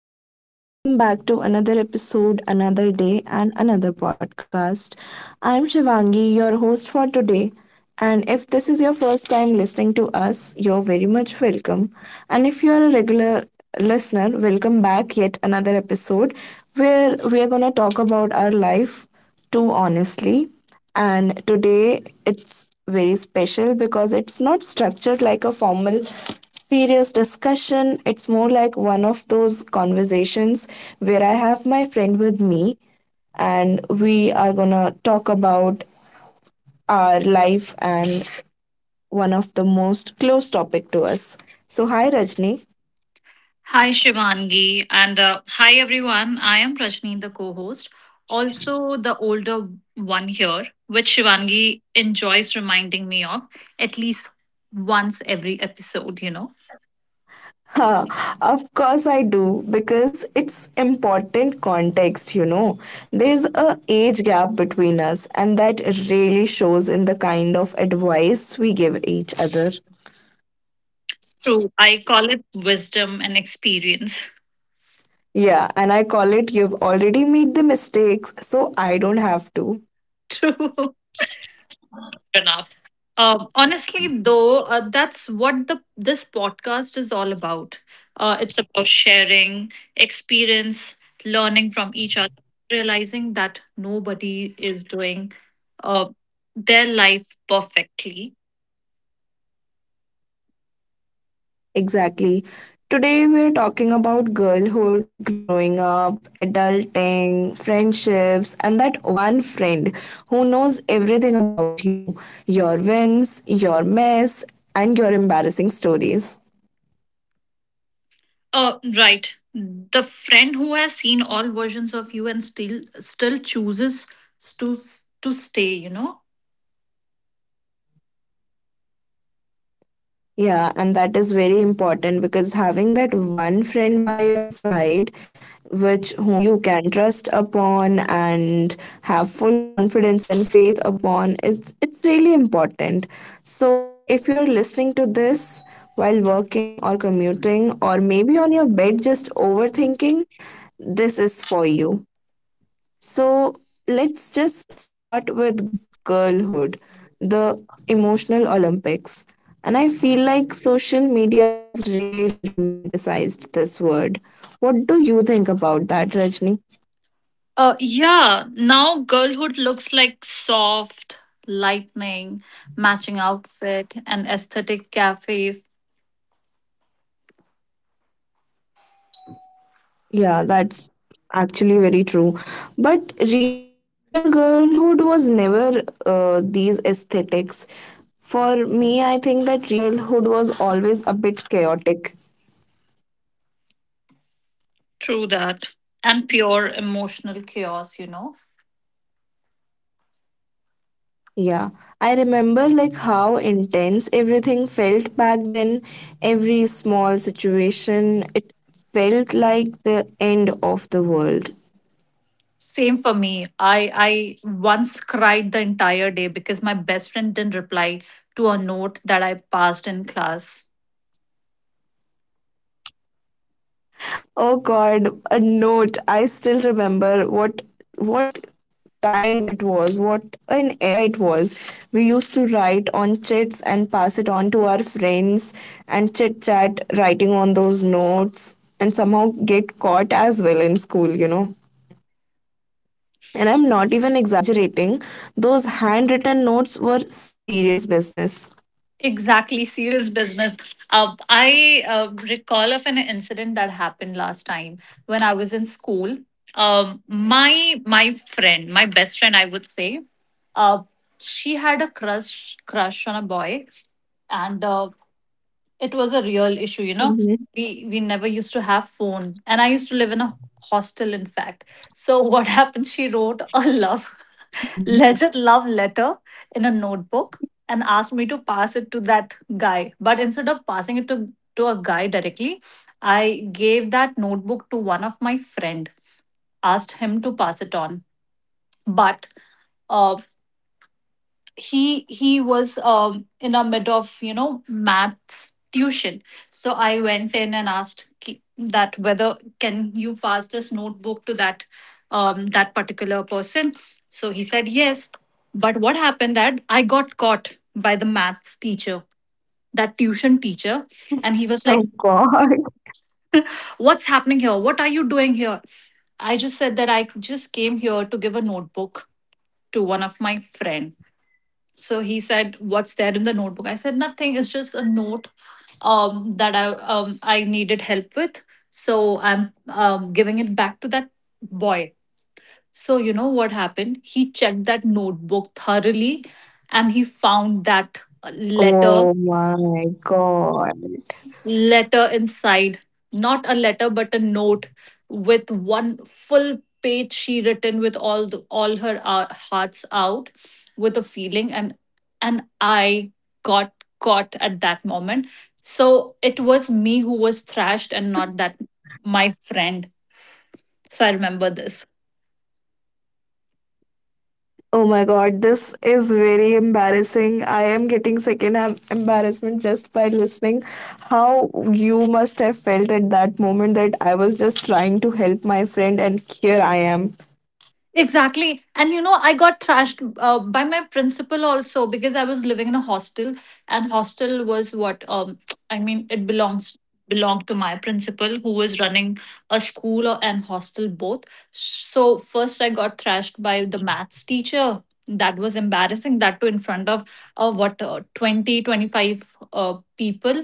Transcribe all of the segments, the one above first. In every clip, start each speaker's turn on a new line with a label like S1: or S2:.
S1: everyone, and welcome back to another episode, another day, and another podcast. I'm Shivangi, your host for today. And if this is your first time listening to us, you're very much welcome. And if you're a regular listener, welcome back yet another episode where we are going to talk about our life too honestly. And today it's very special because it's not structured like a formal serious discussion. It's more like one of those conversations where I have my friend with me, and we are gonna talk about our life and one of the most close topic to us. So hi Rajni.
S2: Hi, Shivangi, and hi everyone. I am Rajni, the co host, also the older one here, which Shivangi enjoys reminding me of at least once every episode.
S1: Huh, of course I do because it's important context, you know. There's a age gap between us and that really shows in the kind of advice we give each other.
S2: True. I call it wisdom and experience.
S1: Yeah, and I call it you've already made the mistakes, so I don't have to.
S2: True. Enough. Honestly, though, that's what the this podcast is all about. It's about sharing experience, learning from each other, realizing that nobody is doing uh, their life perfectly.
S1: Exactly. Today we're talking about girlhood, growing up, adulting, friendships, and that one friend who knows everything about you, your wins, your mess, and your embarrassing stories.
S2: Right. The friend who has seen all versions of you and still chooses to stay.
S1: Yeah, and that is very important because having that one friend by your side, which whom you can trust upon and have full confidence and faith upon, is it's really important. So if you're listening to this while working or commuting or maybe on your bed just overthinking, this is for you. So let's just start with girlhood, the emotional Olympics. And I feel like social media has really romanticized this word. What do you think about that, Rajni?
S2: Yeah, now girlhood looks like soft lightning, matching outfit, and aesthetic cafes.
S1: Yeah, that's actually very true. But real girlhood was never these aesthetics. For me, I think that real girlhood was always a bit chaotic.
S2: True that. And pure emotional chaos.
S1: Yeah, I remember like how intense everything felt back then. Every small situation, it felt like the end of the world.
S2: Same for me. I once cried the entire day because my best friend didn't reply to a note that I passed in class.
S1: Oh God, a note. I still remember what time it was, what an era it was. We used to write on chits and pass it on to our friends and chit chat writing on those notes and somehow get caught as well in school, you know. And I'm not even exaggerating, those handwritten notes were serious business.
S2: Exactly, serious business. I recall of an incident that happened last time when I was in school. My friend, my best friend, I would say, uh, she had a crush on a boy, and it was a real issue.
S1: Mhm.
S2: We never used to have phone, and I used to live in a hostel, in fact. So what happened? She wrote a love legit love letter in a notebook and asked me to pass it to that guy. But instead of passing it to a guy directly, I gave that notebook to one of my friend, asked him to pass it on. But uh, he was in the mid of maths tuition. So I went in and asked that whether can you pass this notebook to that particular person. So he said yes, but what happened that I got caught by the maths teacher, that tuition teacher, and he was
S1: Oh
S2: like,
S1: God.
S2: what's happening here, what are you doing here? I just said that I just came here to give a notebook to one of my friend. So he said, "What's there in the notebook?" I said, "Nothing. It's just a note that I needed help with. So I'm giving it back to that boy." So you know what happened? He checked that notebook thoroughly, and he found that letter
S1: Oh my God.
S2: letter inside. Not a letter, but a note with one full page she written with all her hearts out with a feeling, and I got caught at that moment. So it was me who was thrashed and not that my friend. So I remember this.
S1: Oh my God. This is very embarrassing. I am getting secondhand embarrassment just by listening. How you must have felt at that moment that I was just trying to help my friend and here I am.
S2: Exactly. And you know, I got thrashed by my principal also because I was living in a hostel, and hostel was what. I mean, it belongs belonged to my principal who was running a school or and hostel both. So first I got thrashed by the maths teacher. That was embarrassing, that too in front of what 20 25 people,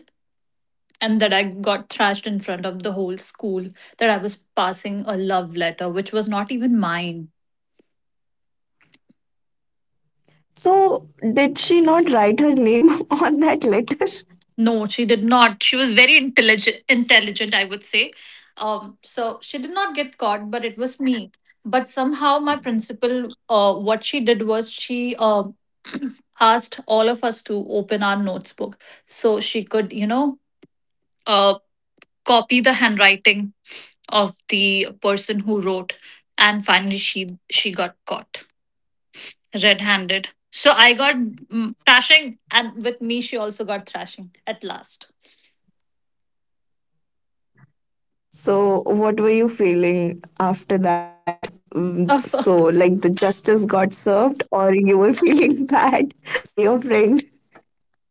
S2: and that I got thrashed in front of the whole school, that I was passing a love letter which was not even mine.
S1: So, did she not write her name on that letter?
S2: No, she did not. She was very intelligent. Intelligent, I would say. So she did not get caught, but it was me. But somehow, my principal, what she did was she asked all of us to open our notes book so she could, uh, copy the handwriting of the person who wrote. And finally, she got caught red-handed. So I got thrashing, and with me, she also got thrashing at last.
S1: So, what were you feeling after that? So, like the justice got served, or you were feeling bad for your friend?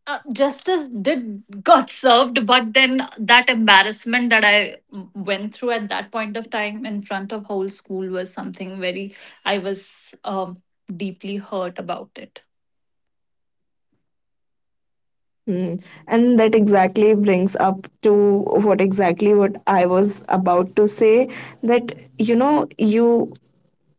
S2: Justice did got served, but then that embarrassment that I went through at that point of time in front of whole school was something very. I was deeply hurt about it.
S1: Hmm. And that exactly brings up to what exactly what I was about to say that you know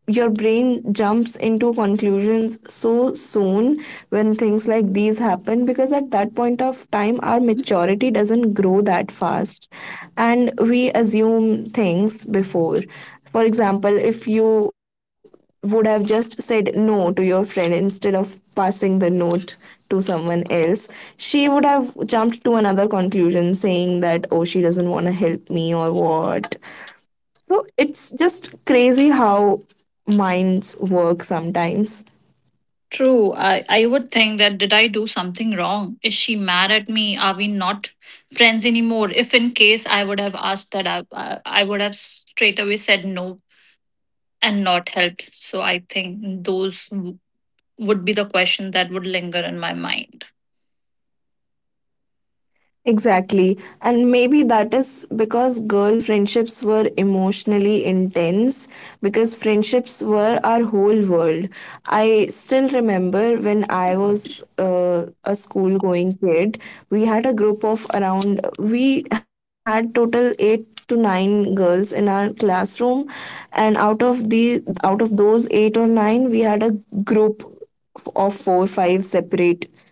S1: your brain jumps into conclusions so soon when things like these happen, because at that point of time our maturity doesn't grow that fast and we assume things before. For example, if you would have just said no to your friend instead of passing the note to someone else, she would have jumped to another conclusion saying that, oh, she doesn't want to help me or what. So it's just crazy how minds work sometimes.
S2: True. I would think that, did I do something wrong? Is she mad at me? Are we not friends anymore? If in case I would have asked that, I would have straight away said no and not helped. So I think those would be the question that would linger in my mind.
S1: Exactly. And maybe that is because girl friendships were emotionally intense because friendships were our whole world. I still remember when I was a school going kid, we had a group of around, we had total eight to nine girls in our classroom, and out of those eight or nine we had a group of four five separate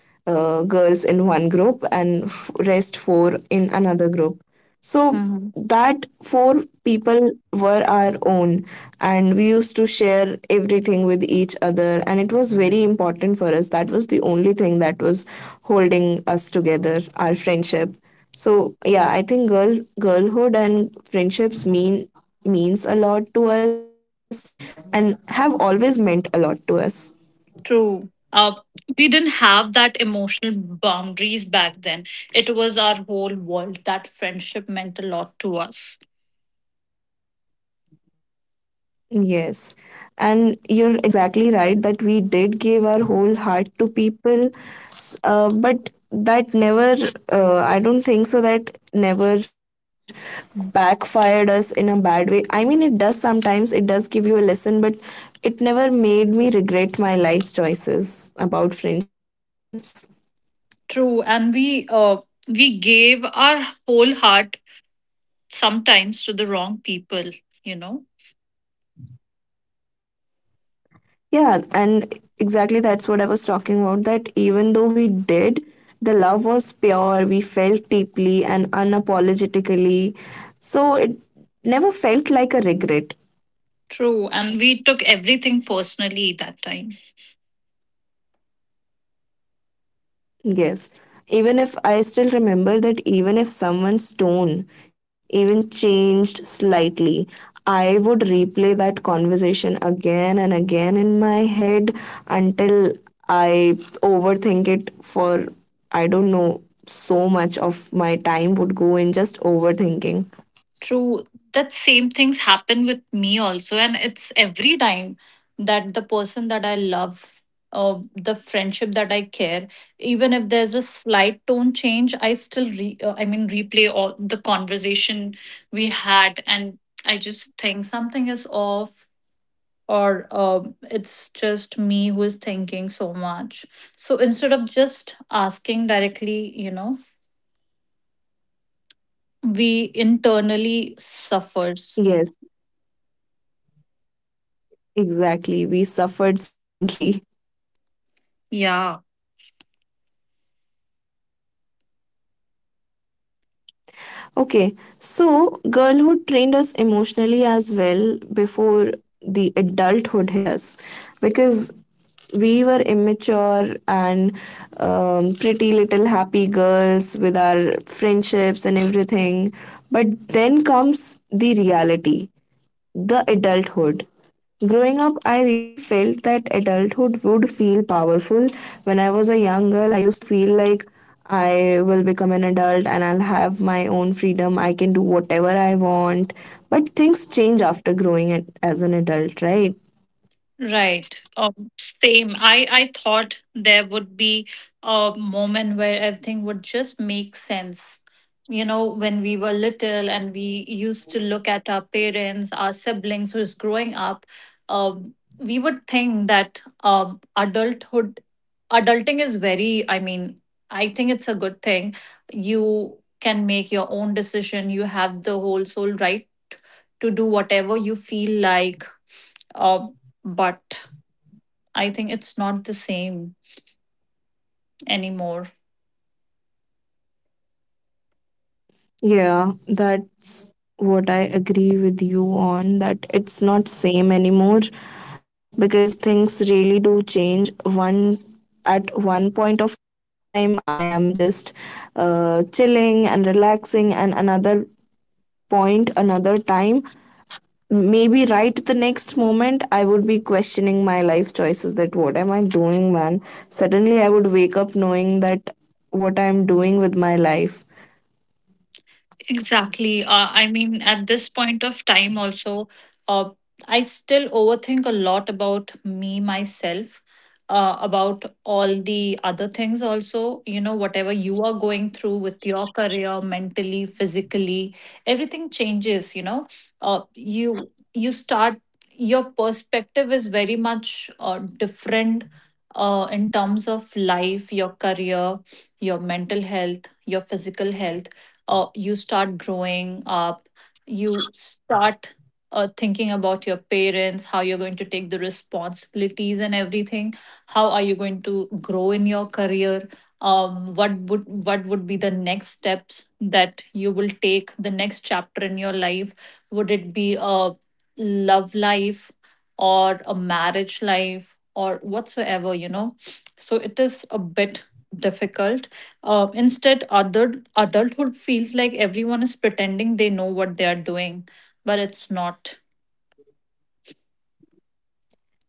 S1: girls in one group and rest four in another group. So that four people were our own and we used to share everything with each other, and it was very important for us. That was the only thing that was holding us together, our friendship. So yeah, I think girlhood and friendships means a lot to us, and have always meant a lot to us.
S2: True. We didn't have that emotional boundaries back then. It was our whole world. That friendship meant a lot to us.
S1: Yes. And you're exactly right that we did give our whole heart to people, but that never, I don't think so, that never backfired us in a bad way. I mean, it does sometimes, it does give you a lesson, but it never made me regret my life choices about friendships.
S2: True, and we gave our whole heart sometimes to the wrong people, you know.
S1: Yeah, and exactly that's what I was talking about. That even though we did, the love was pure, we felt deeply and unapologetically. So it never felt like a regret.
S2: True, and we took everything personally that time.
S1: Yes. Even if I still remember that even if someone's tone even changed slightly, I would replay that conversation again and again in my head until I overthink it for, I don't know, so much of my time would go in just overthinking.
S2: True. That same things happen with me also. And it's every time that the person that I love, the friendship that I care, even if there's a slight tone change, I still re I mean replay all the conversation we had, and I just think something is off or it's just me who is thinking so much. So instead of just asking directly, we internally suffers.
S1: Yes, exactly. We suffered silently.
S2: Yeah.
S1: Okay, so girlhood trained us emotionally as well before the adulthood hit us, because we were immature and pretty little happy girls with our friendships and everything. But then comes the reality, the adulthood. Growing up, I really felt that adulthood would feel powerful. When I was a young girl, I used to feel like I will become an adult and I'll have my own freedom. I can do whatever I want. But things change after growing it as an adult, right?
S2: Right. Same. I thought there would be a moment where everything would just make sense. You know, when we were little and we used to look at our parents, our siblings who's growing up, we would think that adulthood adulting is very, I mean, I think it's a good thing. You can make your own decision. You have the whole soul right to do whatever you feel like. Uh. But I think it's not the same anymore.
S1: Yeah, that's what I agree with you on, that it's not same anymore because things really do change. One at one point of time I am just chilling and relaxing, and another point, another time, maybe right the next moment, I would be questioning my life choices, that what am I doing man. Suddenly I would wake up knowing that what I'm doing with my life.
S2: Exactly. I mean, at this point of time, also, uh, I still overthink a lot about me, myself, about all the other things, also. You know, whatever you are going through with your career, mentally, physically, everything changes, you know. You start, your perspective is very much different in terms of life, your career, your mental health, your physical health. You start growing up, you start thinking about your parents, how you're going to take the responsibilities and everything, how are you going to grow in your career. What would be the next steps that you will take, the next chapter in your life? Would it be a love life or a marriage life or whatsoever, you know. So it is a bit difficult. Instead, adulthood feels like everyone is pretending they know what they are doing, but it's not.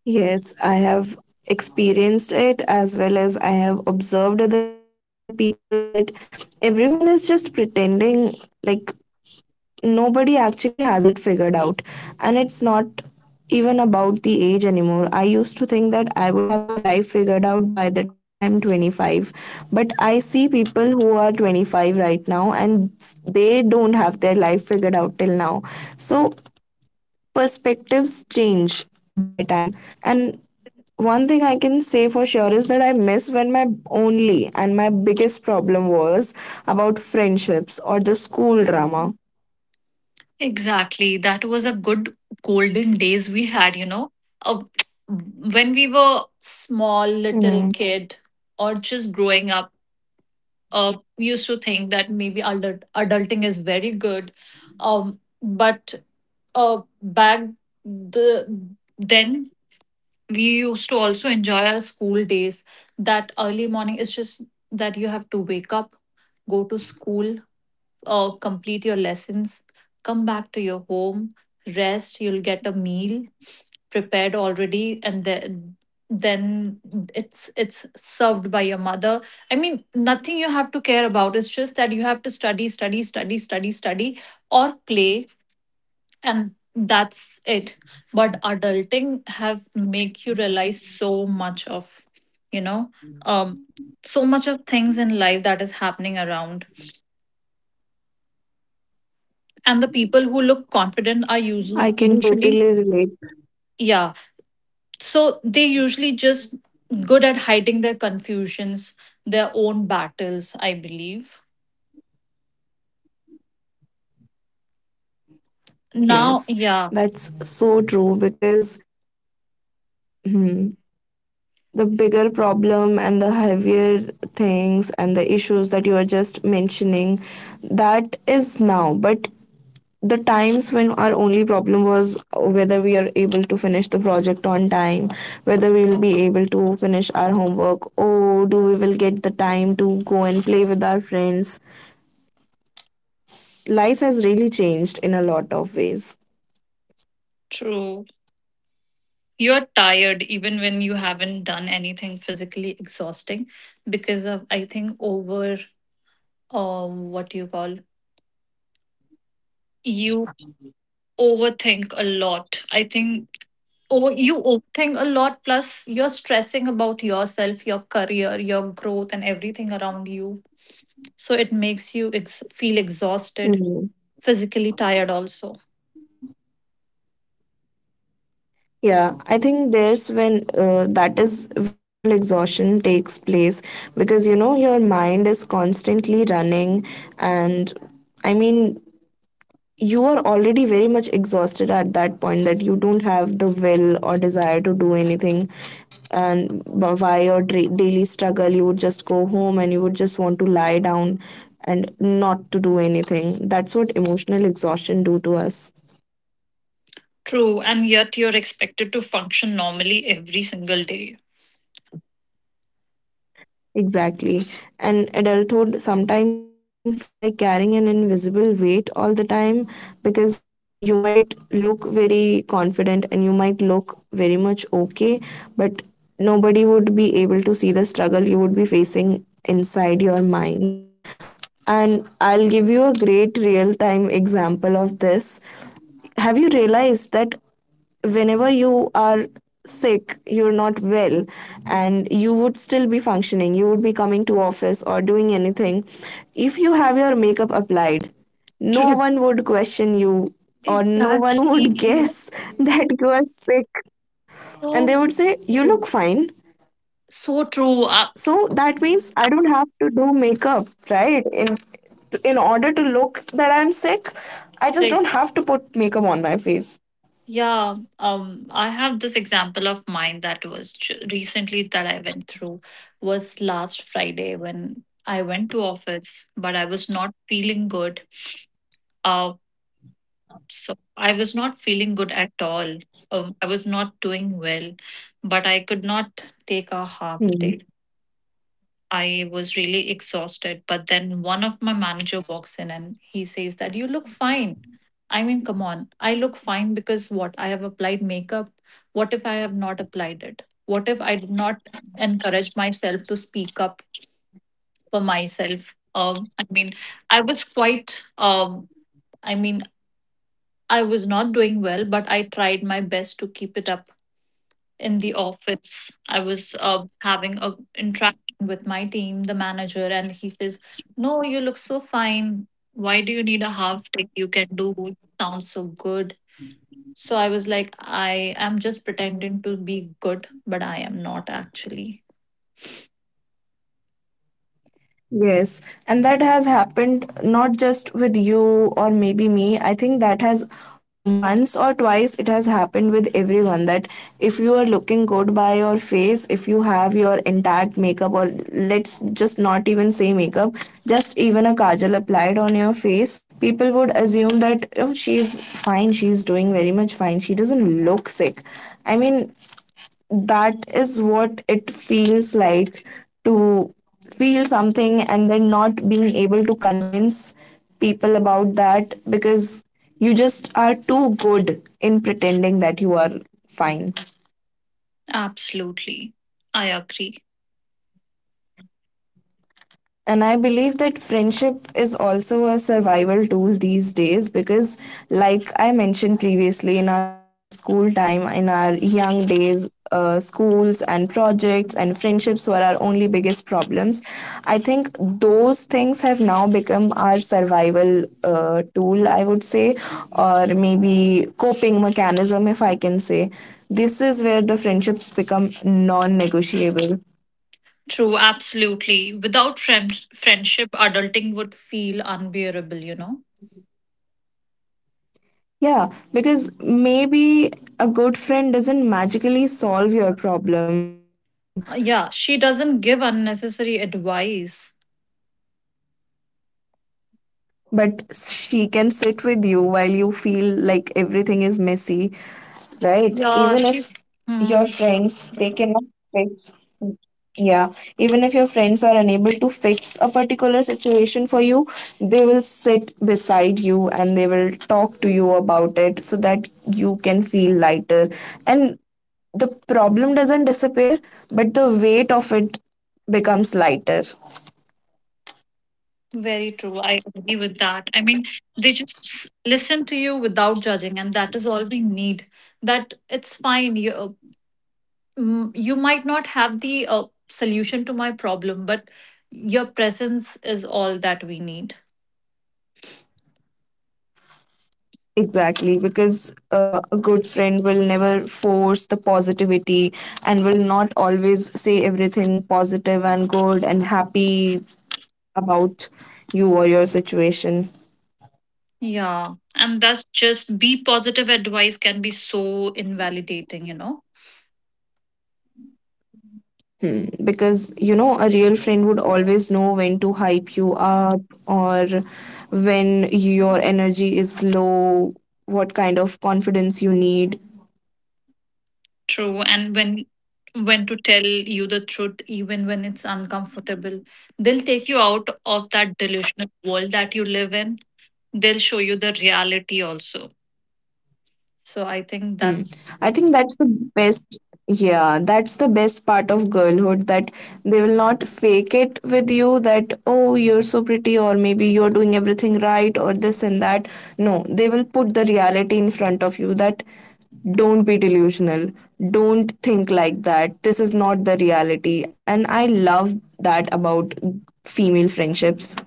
S1: Yes, I have experienced it as well as I have observed other people that everyone is just pretending, like nobody actually has it figured out. And it's not even about the age anymore. I used to think that I would have my life figured out by the time I am 25. But I see people who are 25 right now and they don't have their life figured out till now. So perspectives change by time. And one thing I can say for sure is that I miss when my only and my biggest problem was about friendships or the school drama.
S2: Exactly. That was a good golden days we had. Uh, when we were small little
S1: Hmm.
S2: kid, or just growing up, uh, we used to think that maybe adulting is very good. But back the then we used to also enjoy our school days. That early morning, it's just that you have to wake up, go to school, complete your lessons, come back to your home, rest, you'll get a meal prepared already, and then it's served by your mother. I mean, nothing you have to care about, it's just that you have to study, study, study, study, study or play, and that's it. But adulting have make you realize so much of, you know um so much of things in life that is happening around. And the people who look confident are
S1: I can
S2: usually
S1: totally
S2: usually
S1: relate.
S2: Yeah. So they usually just good at hiding their confusions, their own battles, I believe now.
S1: Yes,
S2: Yeah.
S1: that's so true because, hmm, the bigger problem and the heavier things and the issues that you are just mentioning, that is now. But the times when our only problem was whether we are able to finish the project on time, whether we will be able to finish our homework, or do we will get the time to go and play with our friends. Life has really changed in a lot of ways.
S2: True. You're tired even when you haven't done anything physically exhausting because of, I think, over, what do you call, you overthink a lot, I think. Over You overthink a lot, plus you're stressing about yourself, your career, your growth and everything around you. So it makes you feel exhausted,
S1: Hmm.
S2: physically tired also.
S1: Yeah, I think there's when that is where emotional exhaustion takes place, because you know your mind is constantly running, and, I mean, you are already very much exhausted at that point that you don't have the will or desire to do anything, and by your daily struggle you would just go home and you would just want to lie down and not to do anything. That's what emotional exhaustion do to us.
S2: True, and yet you're expected to function normally every single day.
S1: Exactly. And adulthood sometimes feels like carrying an invisible weight all the time, because you might look very confident and you might look very much okay, but nobody would be able to see the struggle you would be facing inside your mind. And I'll give you a great real time example of this. Have you realized that whenever you are sick, you're not well, and you would still be functioning, you would be coming to office or doing anything, if you have your makeup applied, no
S2: True.
S1: one would question you, or no one
S2: Exactly.
S1: would guess that you are sick, and they
S2: So
S1: would say you
S2: true.
S1: look fine.
S2: So true.
S1: So that means I don't have to do makeup, right, in order to look that I'm sick. I just don't have to put makeup on my face.
S2: Yeah, I have this example of mine that was recently that I went through, was last Friday when I went to office, but I was not feeling good. Uh, so I was not feeling good at all. I was not doing well, but I could not take a half
S1: Hmm.
S2: day. I was really exhausted. But then one of my manager walks in and he says that you look fine. I mean, come on. I look fine because what? I have applied makeup. What if I have not applied it? What if I did not encourage myself to speak up for myself? I mean, I was quite, I mean, I was not doing well, but I tried my best to keep it up in the office. I was having a interaction with my team, the manager, and he says, no, you look so fine, why do you need a half day, you can do it, sounds so good. So I was like, I am just pretending to be good, but I am not actually.
S1: Yes, and that has happened not just with you or maybe me. I think that has once or twice it has happened with everyone, that if you are looking good by your face, if you have your intact makeup, or let's just not even say makeup, just even a kajal applied on your face, people would assume that, oh, she's fine, she's doing very much fine, she doesn't look sick. I mean, that is what it feels like to feel something and then not being able to convince people about that, because you just are too good in pretending that you are fine.
S2: Absolutely. I agree.
S1: And I believe that friendship is also a survival tool these days because, like I mentioned previously, in our school time, in our young days, schools and projects and friendships were our only biggest problems. I think those things have now become our survival tool, I would say, or maybe coping mechanism, if I can say. This is where the friendships become non negotiable.
S2: True. Absolutely. Without friendship, adulting would feel unbearable.
S1: Yeah, because maybe a good friend doesn't magically solve your problem,
S2: Yeah, she doesn't give unnecessary advice.
S1: but she can sit with you while you feel like everything is messy, right?
S2: Yeah,
S1: Even if
S2: she's.
S1: your
S2: Hmm.
S1: friends, they cannot fix. Yeah, even if your friends are unable to fix a particular situation for you, they will sit beside you, the problem doesn't disappear, but the weight of it becomes lighter.
S2: Very true. I agree with that. I mean, they just listen to you without judging, and that is all we need. That it's fine. You, you might not have the solution to my problem, but your presence is all that we need.
S1: Exactly, because a good friend will never force the positivity and will not always say everything positive and good and happy about you or your situation.
S2: Yeah. And that's just be positive advice can be so invalidating, you know?
S1: Hmm. Because you know a real friend would always know when to hype you up or when your energy is low, what kind of confidence you need.
S2: True. And when to tell you the truth, even when it's uncomfortable, they'll take you out of that delusional world that you live in. They'll show you the reality also. So I think
S1: Hmm.
S2: that's
S1: I think that's the best. Yeah, that's the best part of girlhood, that they will not fake it with you that, oh, you're so pretty, or maybe you're doing everything right, or this and that. No, they will put the reality in front of you that don't be delusional, don't think like that. This is not the reality. And I love that about female friendships.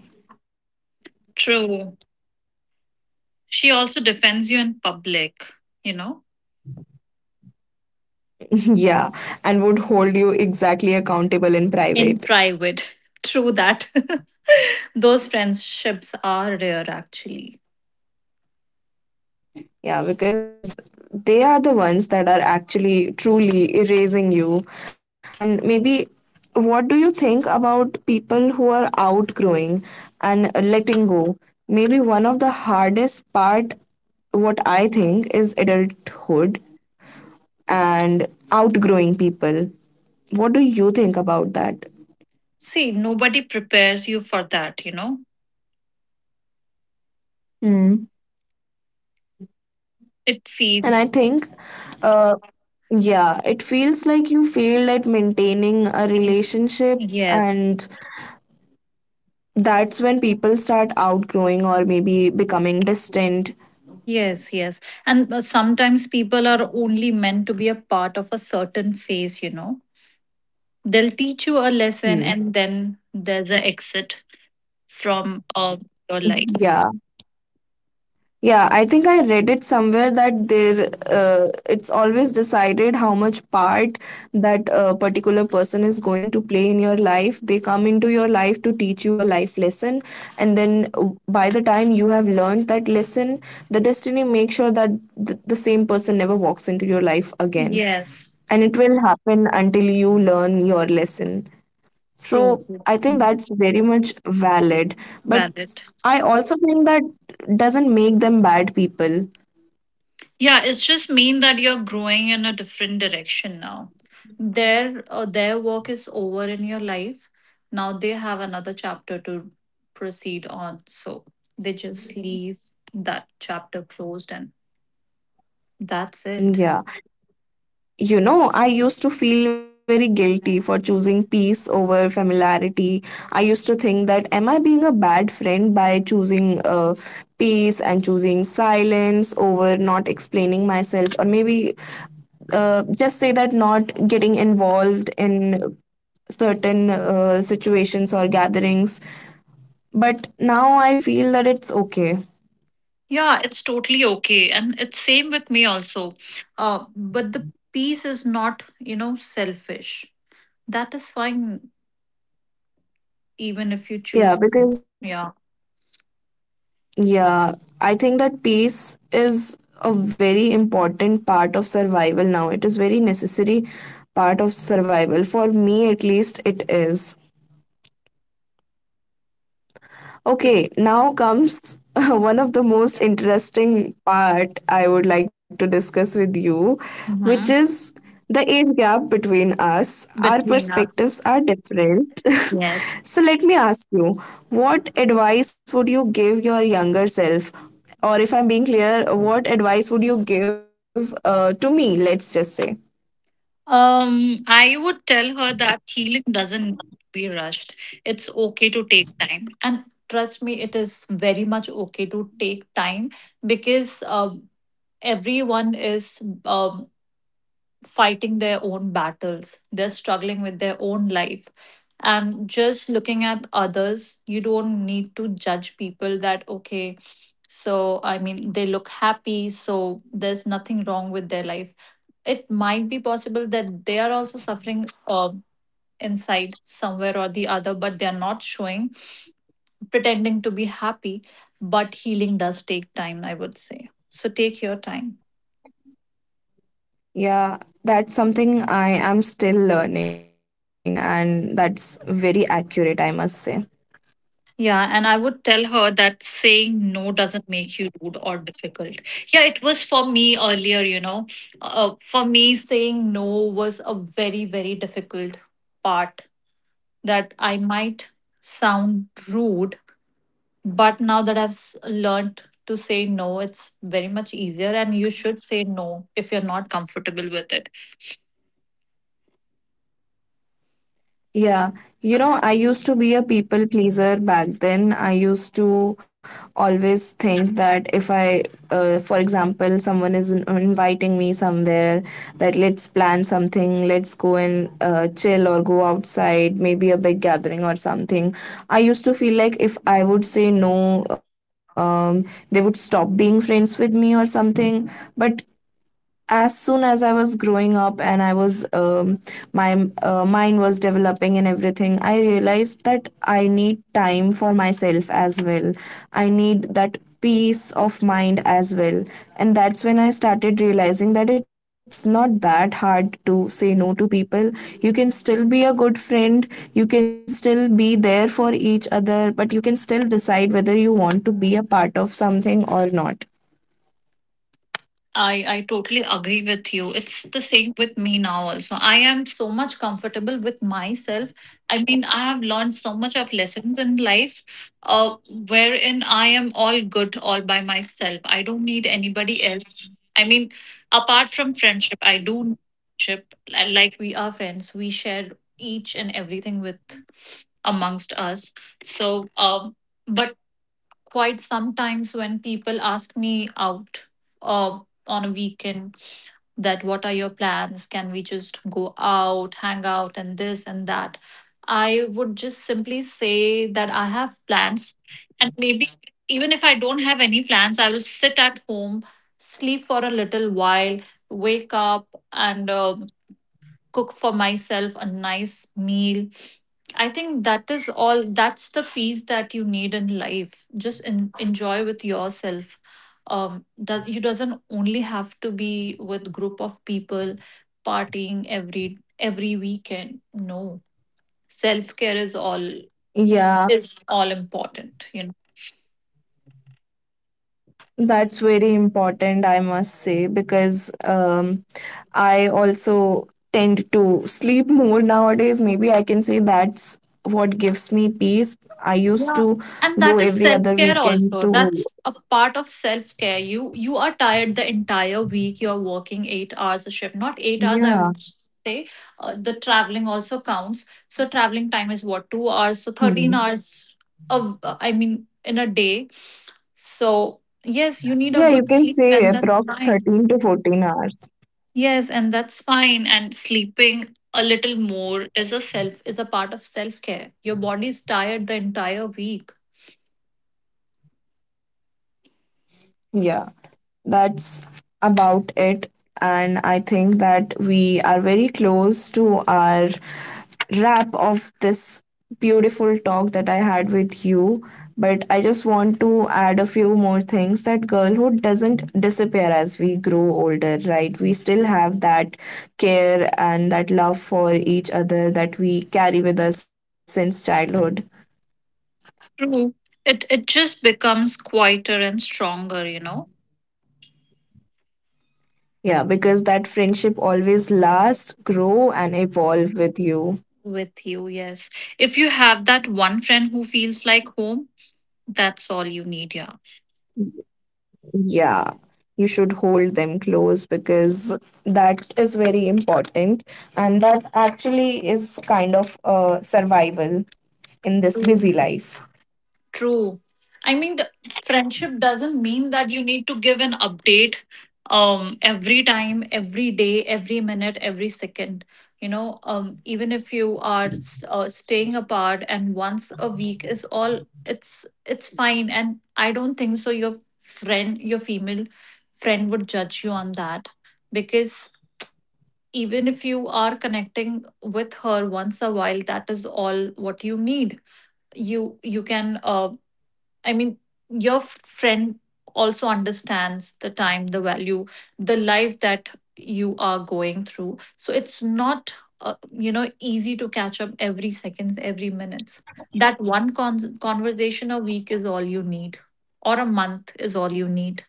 S2: true. She also defends you in public, you know,
S1: Yeah, and would hold you exactly accountable in
S2: in
S1: private.
S2: private. True that. Those friendships are rare, actually.
S1: Yeah, because they are the ones that are actually truly erasing you. And maybe, what do you think about people who are outgrowing and letting go? Maybe one of the hardest part what I think is adulthood and outgrowing people. What do you think about that?
S2: See, nobody prepares you for that, you know.
S1: Hmm.
S2: It
S1: And
S2: feeds
S1: I think, uh, yeah, it feels like you failed at maintaining a
S2: me.
S1: relationship,
S2: Yes,
S1: and that's when people start outgrowing or maybe becoming distant.
S2: yes, yes. And sometimes people are only meant to be a part of a certain phase, you know. They'll teach you a lesson,
S1: Hmm.
S2: and then there's an exit from your life.
S1: Yeah. Yeah, I think I read it somewhere that there it's always decided how much part that particular person is going to play in your life. They come into your life to teach you a life lesson, and then by the time you have learned that lesson, the destiny makes sure that the same person never walks into your life again.
S2: Yes,
S1: And it will happen until you learn your lesson.
S2: true.
S1: So I think that's very much valid. But
S2: Valid.
S1: I also think that doesn't make them bad people.
S2: Yeah, it's just mean that you're growing in a different direction now. Their work is over in your life. Now they have another chapter to proceed on. So they just leave that chapter closed, and that's it.
S1: Yeah. You know, I used to feel very guilty for choosing peace over familiarity. I used to think that am I being a bad friend by choosing peace and choosing silence over not explaining myself, or maybe just say that not getting involved in certain situations or gatherings, but now I feel that it's okay.
S2: Yeah, it's totally okay. And it's same with me also. But the peace is not, you know, selfish. That is fine even if you choose.
S1: Yeah, because,
S2: Yeah.
S1: yeah, I think that peace is a very important part of survival now. It is very necessary part of survival. For me, at least, it is. Okay, now comes one of the most interesting part I would like to discuss with you, which
S2: Hmm.
S1: is the age gap between us. Our
S2: Between us,
S1: perspectives are different.
S2: yes.
S1: So let me ask you, what advice would you give your younger self? Or if I'm being clear, what advice would you give to me, let's just say?
S2: I would tell her that healing doesn't be rushed. It's okay to take time, and trust me, it is very much okay to take time. Because everyone is fighting their own battles, they're struggling with their own life. And just looking at others, you don't need to judge people that, okay, so I mean, they look happy, so there's nothing wrong with their life. It might be possible that they are also suffering inside somewhere or the other, but they're not showing, pretending to be happy. But healing does take time, I would say. So take your time.
S1: Yeah, that's something I am still learning, and that's very accurate, I must say.
S2: Yeah, and I would tell her that saying no doesn't make you rude or difficult. Yeah, it was for me earlier, you know. For me, saying no was a very, very difficult part that I might sound rude, but now that learned to say no, it's very much easier. And you should say no if you're not comfortable with it.
S1: Yeah, you know, I used to be a people pleaser back then. I used to always think that if I, for example, someone is inviting me somewhere, that let's plan something, let's go and chill or go outside, maybe a big gathering or something. I used to feel like if I would say no, they would stop being friends with me or something. But as soon as I was growing up and I was my mind was developing and everything, I realized that I need time for myself as well. I need that peace of mind as well. And that's when I started realizing that it's not that hard to say no to people. You can still be a good friend, you can still be there for each other, but you can still decide whether you want to be a part of something or not.
S2: I totally agree with you. It's the same with me now, also. I am so much comfortable with myself. I mean, I have learned so much of lessons in life, wherein I am all good all by myself. I don't need anybody else. I mean, apart from friendship, I do need friendship. Like we are friends, we share each and everything with amongst us. So, but quite sometimes when people ask me out uh, on a weekend, that what are your plans, can we just go out, hang out, and this and that. I would just simply say that I have plans. And maybe even if I don't have any plans, I will sit at home, sleep for a little while, wake up, and cook for myself a nice meal. I think that is all, that's the peace that you need in life. Just enjoy with yourself. Um does you doesn't only have to be with group of people partying every weekend. No. Self-care is all
S1: Yeah,
S2: is all important, you know.
S1: that's very important, I must say, because I also tend to sleep more nowadays. Maybe I can say that's what gives me peace. I used
S2: Yeah.
S1: to
S2: And that
S1: go
S2: is
S1: every other
S2: self-care
S1: weekend
S2: also.
S1: to,
S2: That's a part of self-care. You are tired the entire week. You're working 8 hours a shift. Not 8 hours, I
S1: yeah,
S2: would say. The traveling also counts. So traveling time is what, 2 hours? So 13
S1: hmm.
S2: hours of I mean in a day. So yes, you need a
S1: Yeah, you
S2: good
S1: can
S2: sleep,
S1: say
S2: and that's
S1: approx
S2: fine.
S1: 13 to 14 hours.
S2: Yes, and that's fine. And sleeping a little more is a part of self-care. Your body's tired the entire week.
S1: Yeah. That's about it. And I think that we are very close to our wrap of this beautiful talk that I had with you. But I just want to add a few more things, that girlhood doesn't disappear as we grow older, right? We still have that care and that love for each other that we carry with us since childhood.
S2: True. It just becomes quieter and stronger, you know,
S1: Yeah, because that friendship always lasts, grow, and evolve with you.
S2: with you, yes. If you have that one friend who feels like home, that's all you need, yeah.
S1: Yeah, you should hold them close because that is very important, and that actually is kind of survival in this busy
S2: True.
S1: life.
S2: True. I mean, the friendship doesn't mean that you need to give an update, every time, every day, every minute, every second. You know, even if you are staying apart and once a week is all, it's fine. And I don't think so. Your friend, your female friend, would judge you on that. Because even if you are connecting with her once a while, that is all what you need. You can I mean, your friend also understands the time, the value, the life that you are going through. So it's not, you know, easy to catch up every seconds, every minutes. That one conversation a week is all you need, or a month is all you need.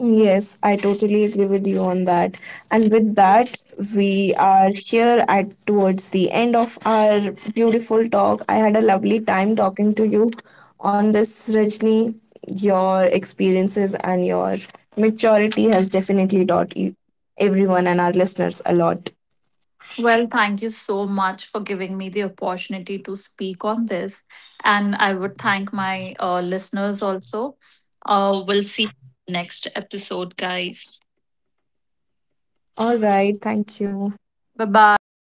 S1: Yes, I totally agree with you on that. And with that, we are here at towards the end of our beautiful talk. I had a lovely time talking to you on this, Rajni. Your experiences and your maturity has definitely taught everyone and our listeners a lot.
S2: Well, thank you so much for giving me the opportunity to speak on this. And I would thank my listeners also. We'll see you next episode, guys.
S1: All right, thank you.
S2: Bye bye.